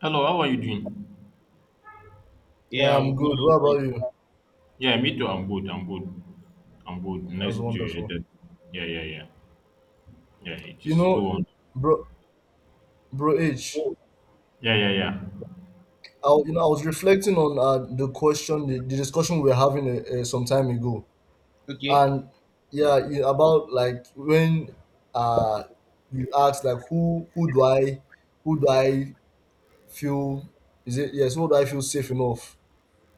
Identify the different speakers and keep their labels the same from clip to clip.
Speaker 1: Hello, how are you doing?
Speaker 2: Yeah,
Speaker 3: Yeah, I'm
Speaker 2: I'm
Speaker 3: good.
Speaker 2: good. What
Speaker 3: How are
Speaker 2: about you?
Speaker 3: you?
Speaker 1: Yeah, me too. I'm good. I'm good.
Speaker 2: That
Speaker 1: Nice
Speaker 2: was
Speaker 1: to hear
Speaker 2: wonderful.
Speaker 1: that. Yeah, yeah, yeah. Yeah, it
Speaker 2: You
Speaker 1: is
Speaker 2: know,
Speaker 1: so.
Speaker 2: bro, bro H,
Speaker 1: Yeah, yeah, yeah.
Speaker 2: I was reflecting on the question, the discussion we were having some time ago,
Speaker 3: Okay.
Speaker 2: and yeah, you, about like when uh you asked like who do I feel, is it, yes, who do I feel safe enough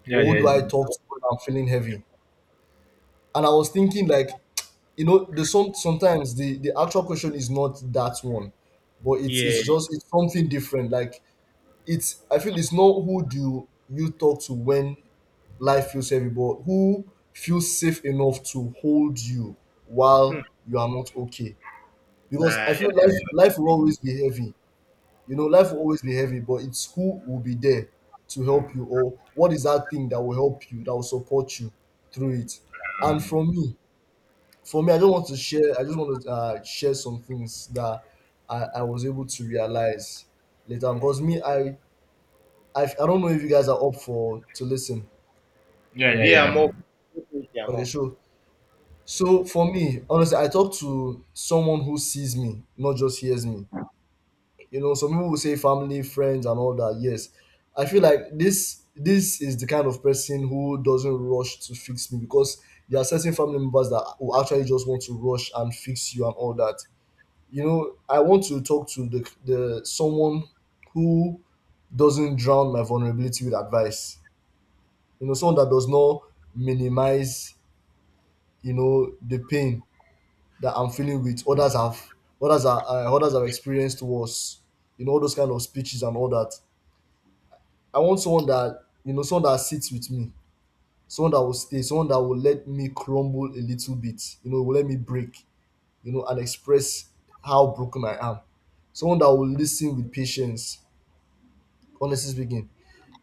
Speaker 1: Yeah,
Speaker 2: or
Speaker 1: yeah,
Speaker 2: who do
Speaker 1: yeah,
Speaker 2: I talk to when I'm feeling heavy, and I was thinking like, you know, the sometimes the actual question is not that one but it's it's
Speaker 3: Yeah.
Speaker 2: just it's something different, like it's I feel it's not who do you talk to when life feels heavy but who feels safe enough to hold you
Speaker 3: Hmm.
Speaker 2: while you are not okay, because I
Speaker 3: Nice,
Speaker 2: feel life
Speaker 3: nice.
Speaker 1: yeah,
Speaker 2: life will always be heavy. You know, life will always be heavy, but it's who will be there to help you, or what is that thing that will help you, that will support you through it. And for me, for me, I just want to share. I just want to share some things that I was able to realize later on. Because me, I, I don't know if you guys are up for to listen.
Speaker 1: yeah, yeah,
Speaker 3: Yeah,
Speaker 1: yeah,
Speaker 3: I'm up. Yeah, I'm
Speaker 2: Okay,
Speaker 3: up.
Speaker 2: sure. So for me, honestly, I talk to someone who sees me, not just hears me. You know, some people will say family, friends, and all that. Yes, I feel like this is the kind of person who doesn't rush to fix me, because there are certain family members that will actually just want to rush and fix you and all that. You know, I want to talk to the someone who doesn't drown my vulnerability with advice. You know, someone that does not minimize, you know, the pain that I'm feeling with others have, others are, others have experienced worse. You know, all those kind of speeches and all that. I want someone that, you know, someone that sits with me, someone that will stay, someone that will let me crumble a little bit. You know, will let me break. You know, and express how broken I am. Someone that will listen with patience, honestly speaking.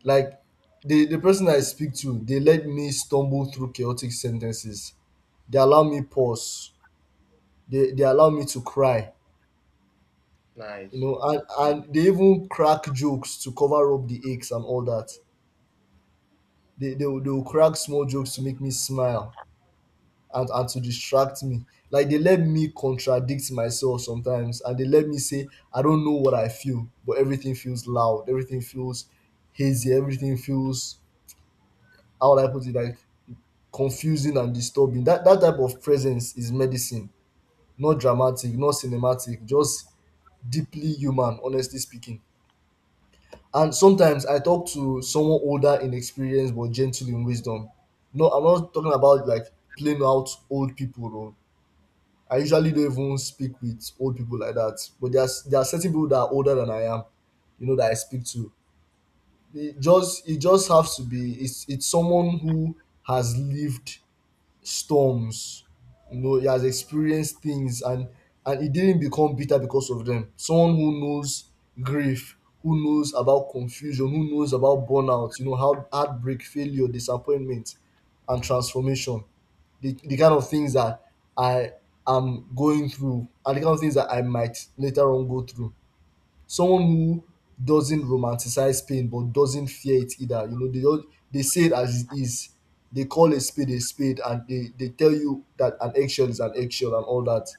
Speaker 2: Like the person I speak to, they let me stumble through chaotic sentences. They allow me pause. They allow me to cry. You
Speaker 3: Nice.
Speaker 2: know, and they even crack jokes to cover up the aches and all that. They will crack small jokes to make me smile and to distract me. Like they let me contradict myself sometimes, and they let me say I don't know what I feel, but everything feels loud, everything feels hazy, everything feels, how would I put it? Like confusing and disturbing. That that type of presence is medicine. Not dramatic, not cinematic, just deeply human, honestly speaking. And sometimes I talk to someone older in experience but gentle in wisdom. No, I'm not talking about like plain out old people though. I usually don't even speak with old people like that. But there's, there are certain people that are older than I am, you know, that I speak to. It just has to be, it's someone who has lived storms, you know, he has experienced things, and he didn't become bitter because of them. Someone who knows grief, who knows about confusion, who knows about burnout, you know, how heartbreak, failure, disappointment, and transformation, the kind of things that I am going through, and the kind of things that I might later on go through. Someone who doesn't romanticize pain but doesn't fear it either. You know, they don't, they say it as it is. They call a spade a spade, and they tell you that an eggshell is an eggshell and all that.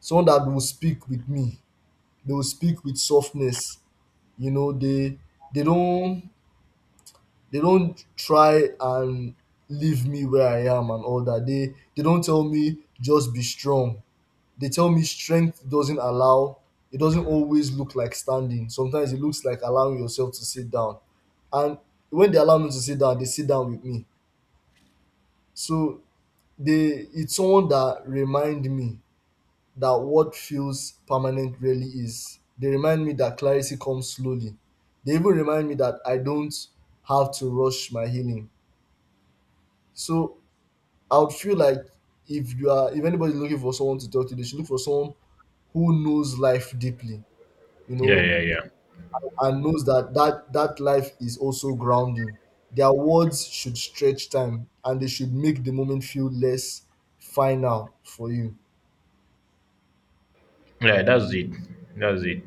Speaker 2: Someone that will speak with me, they will speak with softness. You know, they don't, they don't try and leave me where I am and all that. They don't tell me just be strong, they tell me strength doesn't allow, it doesn't always look like standing, sometimes it looks like allowing yourself to sit down. And when they allow me to sit down, they sit down with me. So they, it's someone that remind me that what feels permanent really is, they remind me that clarity comes slowly, they even remind me that I don't have to rush my healing. So I would feel like, if you are, if anybody looking for someone to talk to, they should look for someone who knows life deeply, you
Speaker 1: yeah,
Speaker 2: know,
Speaker 1: yeah. Yeah,
Speaker 2: and knows that that, that life is also grounding. Their words should stretch time, and they should make the moment feel less final for you.
Speaker 1: yeah, that's it. That's it.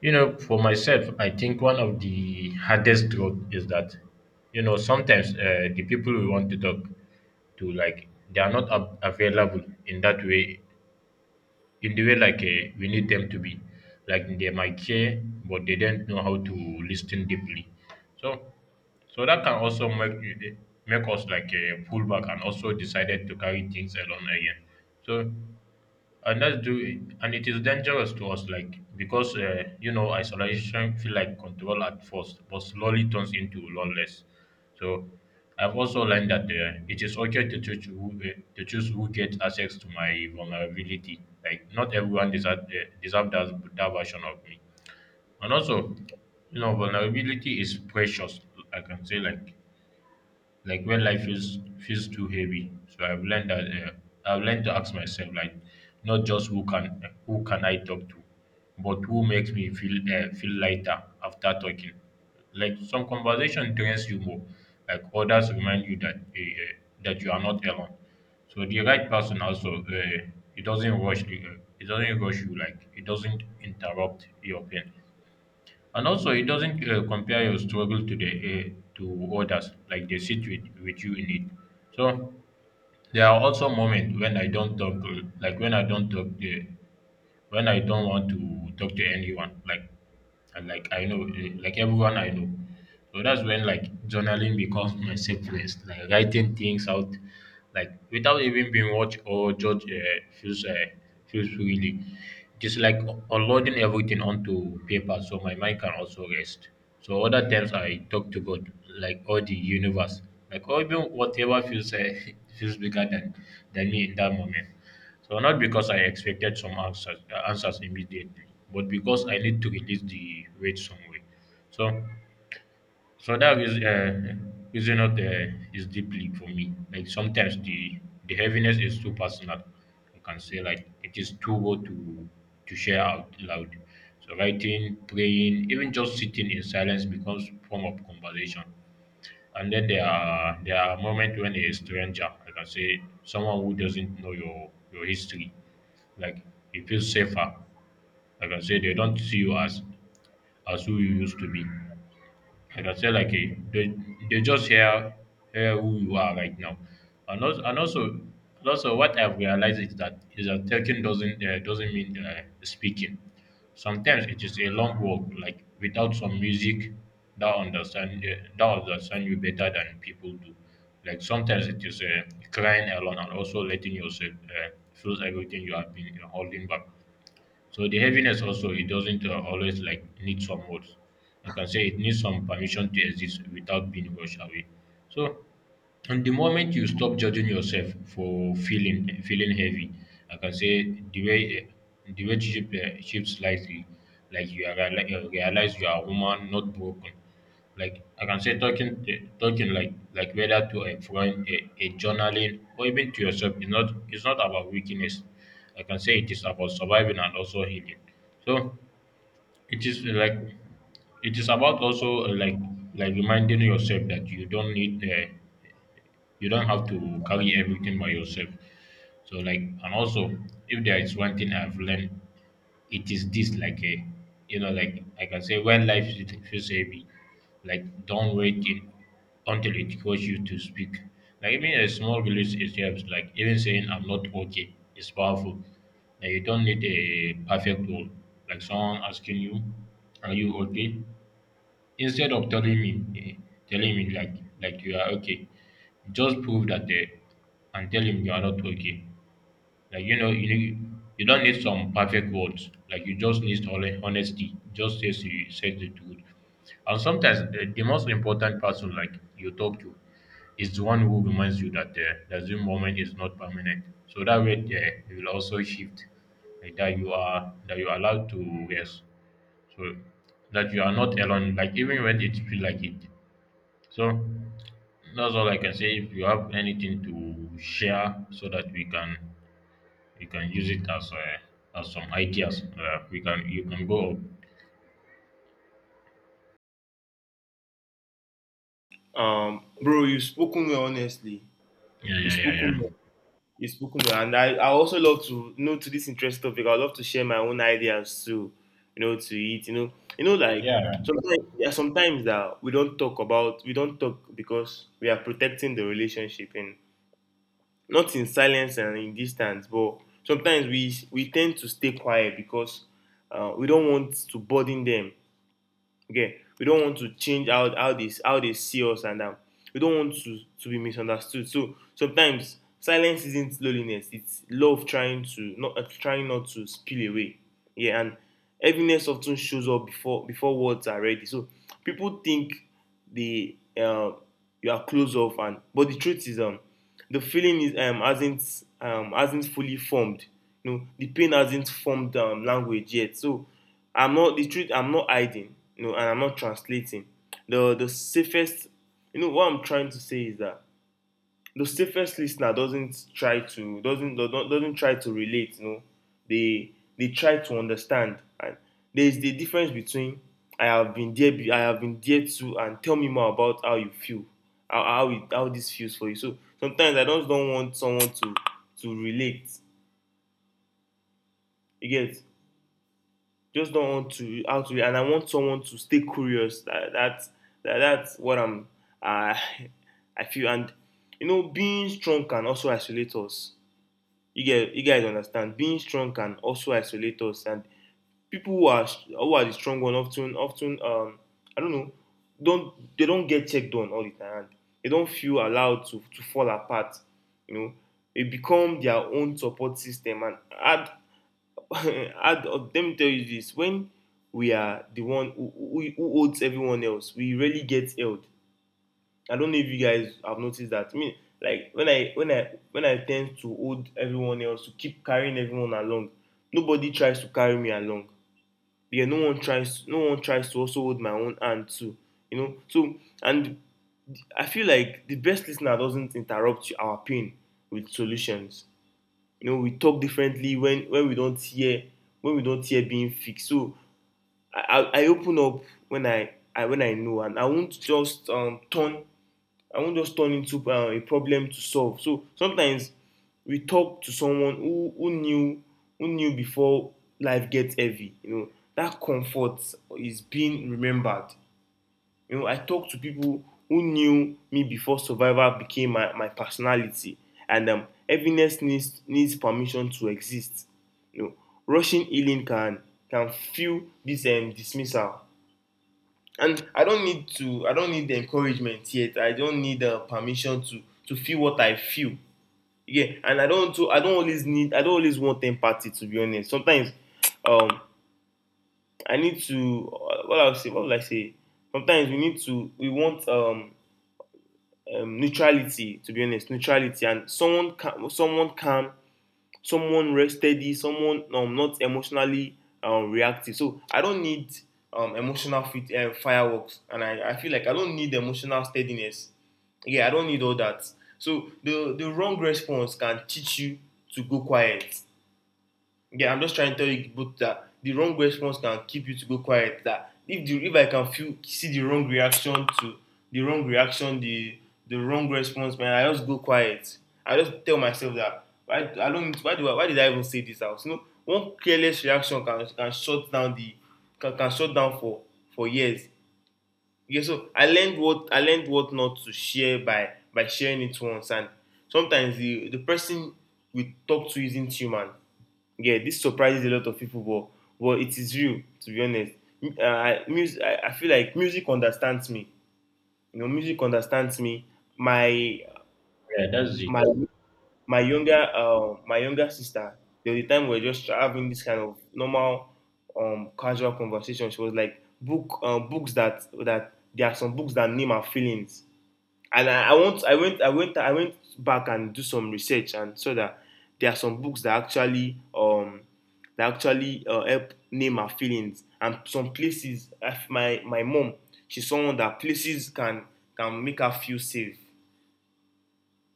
Speaker 1: You know, for myself, I think one of the hardest truth is that, you know, sometimes the people we want to talk to, like, they are not available in that way in the way like we need them to be. Like they might care, but they don't know how to listen deeply. So, so that can also make us like pull back and also decided to carry things alone again. So and that's do and it is dangerous to us like because you know isolation feel like control at first but slowly turns into loneliness, so I've also learned that it is okay to choose who gets access to my vulnerability like not everyone deserve, deserve that, that version of me and also you know vulnerability is precious. I can say like when life feels too heavy. So I've learned that I've learned to ask myself like not just who can I talk to, but who makes me feel feel lighter after talking. Like some conversation drains you more, like others remind you that that you are not alone. So the right person also it doesn't rush you like it doesn't interrupt your pain. And also, it doesn't compare your struggle to the to others, like they sit with you in it. So there are also moments when I don't talk, like when I don't talk, when I don't want to talk to anyone, like and like I know, eh, like everyone I know. So that's when like journaling becomes my safe place. Like writing things out, like without even being watched or judged, feels feels really just like unloading everything onto paper, so my mind can also rest. So other times I talk to God, like or the universe, like or even whatever feels feels bigger than me in that moment. So not because I expected some answers immediately, but because I need to release the weight some way. So, so that is reason not is deeply for me. Like sometimes the heaviness is too personal. I can say like it is too raw to share out loud. So writing, praying, even just sitting in silence becomes form of conversation. And then there are moments when a stranger, I can say someone who doesn't know your history, like you feel safer. Like I say, they don't see you as who you used to be. Like I say, like eh, they just hear hear who you are right now, and also what I've realized is that talking doesn't mean speaking. Sometimes it is a long walk, like without some music that understand you better than people do. Like sometimes it is crying alone and also letting yourself feel everything you have been you holding back, so the heaviness also it doesn't always like need some words. I can say it needs some permission to exist without being rushed away. So and the moment you stop judging yourself for feeling heavy, like I can say the way shifts slightly, like you are like you realize you are a woman, not broken. Like I can say talking talking like whether to a friend, a journaling, or even to yourself is not it's not about weakness. I can say it is about surviving and also healing. So it is like it is about also like reminding yourself that you don't need you don't have to carry everything by yourself, so like and also if there is one thing I've learned, it is this, like a you know like I say when feels heavy, like don't wait it until it forces you to speak. Like even a small release it helps. Like even saying I'm not okay is powerful. Like you don't need a perfect world. Like someone asking you, are you okay? Instead of telling me eh, telling me like you are okay, just prove that they and tell him you are not okay. Like you know, you don't need some perfect words. Like you just need honesty. Just say you say the truth. And sometimes the most important person like you talk to is the one who reminds you that that the moment is not permanent. So that way you will also shift. Like that you are allowed to rest. So that you are not alone. Like even when it feel like it. So that's all I can say. If you have anything to share, so that we can use it as some ideas, we can you can go.
Speaker 3: Bro, you've spoken well, honestly.
Speaker 1: Yeah,
Speaker 3: You've
Speaker 1: yeah, yeah,
Speaker 3: spoken
Speaker 1: yeah.
Speaker 3: well. You've spoken well. And I also love to, you know, to this interest topic. I love to share my own ideas too, you know, to it, you know. You know, like,
Speaker 1: Yeah,
Speaker 3: sometimes, there are sometimes that we don't talk about, we don't talk because we are protecting the relationship and not in silence and in distance, but sometimes we tend to stay quiet because we don't want to burden them. Okay, we don't want to change out how they see us, and we don't want to be misunderstood. So sometimes silence isn't loneliness; it's love trying to not trying not to spill away. Yeah, and heaviness often shows up before words are ready. So people think they you are closed off, and but the truth is the feeling is hasn't fully formed. You know, the pain hasn't formed language yet. So I'm not the truth. I'm not hiding. You know, and I'm not translating. The safest. You know what I'm trying to say is that the safest listener doesn't try to relate, you know. They try to understand. And there is the difference between I have been there too, and tell me more about how you feel, how it how this feels for you. So sometimes I just don't want someone to relate. You get, just not want to how to, and I want someone to stay curious. That's what I'm uh, I feel. And you know, being strong can also isolate us. You get, you guys understand. Being strong can also isolate us, and people who are the strong one, often I don't know, don't they don't get checked on all the time. They don't feel allowed to fall apart. You know, they become their own support system. And add add let me tell you this: when we are the one who, who holds everyone else, we really get held. I don't know if you guys have noticed that. I mean, like when I tend to hold everyone else, to keep carrying everyone along, nobody tries to carry me along. Yeah, no one tries to also hold my own hand too. You know? So, and I feel like the best listener doesn't interrupt our pain with solutions. You know, we talk differently when we don't hear, when we don't hear being fixed. So I, I open up when I know, and I won't just turn, I won't just turn into a problem to solve. So sometimes we talk to someone who, who knew before life gets heavy. You know, that comfort is being remembered. You know, I talk to people who knew me before survival became my personality, and heaviness needs permission to exist. You know, rushing healing can feel this dismissal. And I don't need the encouragement yet. I don't need the permission to feel what I feel. Yeah, and I don't always need, I don't always want empathy, to be honest. Sometimes, um I need to what I'll say what will I say sometimes we need to, we want neutrality, to be honest. Neutrality and someone calm, someone steady, someone not emotionally reactive. So I don't need emotional fireworks, and I feel like I don't need emotional steadiness. Yeah, I don't need all that. So the wrong response can teach you to go quiet. Yeah, I'm just trying to tell you both that the wrong response can keep you to go quiet. That if the if I can feel, see the wrong reaction to the wrong reaction, the wrong response, man, I just go quiet. I just tell myself that, why I don't why do why did I even say this out? You know, one careless reaction can shut down the, can shut down for years. Yeah, so I learned what not to share by sharing it once. And sometimes the person we talk to isn't human. Yeah, this surprises a lot of people, but it is real, to be honest. M- Uh, Music, I feel like music understands me. You know, music understands me. My
Speaker 1: yeah. That's it.
Speaker 3: my my younger sister. There was a time we were just having this kind of normal, casual conversation. She was like, books that there are some books that name our feelings. And I want I went I went I went back and do some research, and so that there are some books that actually help name her feelings, and some places. My mom, she's someone that places can make her feel safe.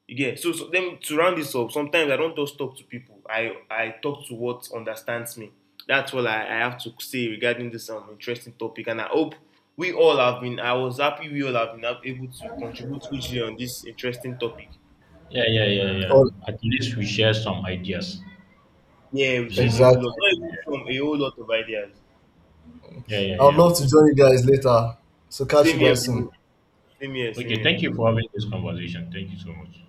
Speaker 3: Yeah, so, so then to round this up, sometimes I don't just talk to people. I talk to what understands me. That's all I have to say regarding this interesting topic, and I hope we all have been. I was happy we all have been able to contribute hugely on this interesting topic.
Speaker 1: Yeah, yeah, yeah, yeah.
Speaker 2: Oh,
Speaker 1: At least we share some ideas. At
Speaker 3: Yeah, we shared a
Speaker 1: least.
Speaker 3: whole lot,
Speaker 2: exactly.
Speaker 3: not even some, a whole lot of ideas.
Speaker 1: Yeah, yeah, yeah,
Speaker 2: I would
Speaker 1: yeah.
Speaker 2: love to join you guys later. So catch
Speaker 3: Same
Speaker 2: you
Speaker 3: here,
Speaker 2: guys
Speaker 1: Okay.
Speaker 3: bro.
Speaker 2: soon.
Speaker 3: Same here, same
Speaker 1: Okay.
Speaker 3: here.
Speaker 1: Thank you for having this conversation. Thank you so much.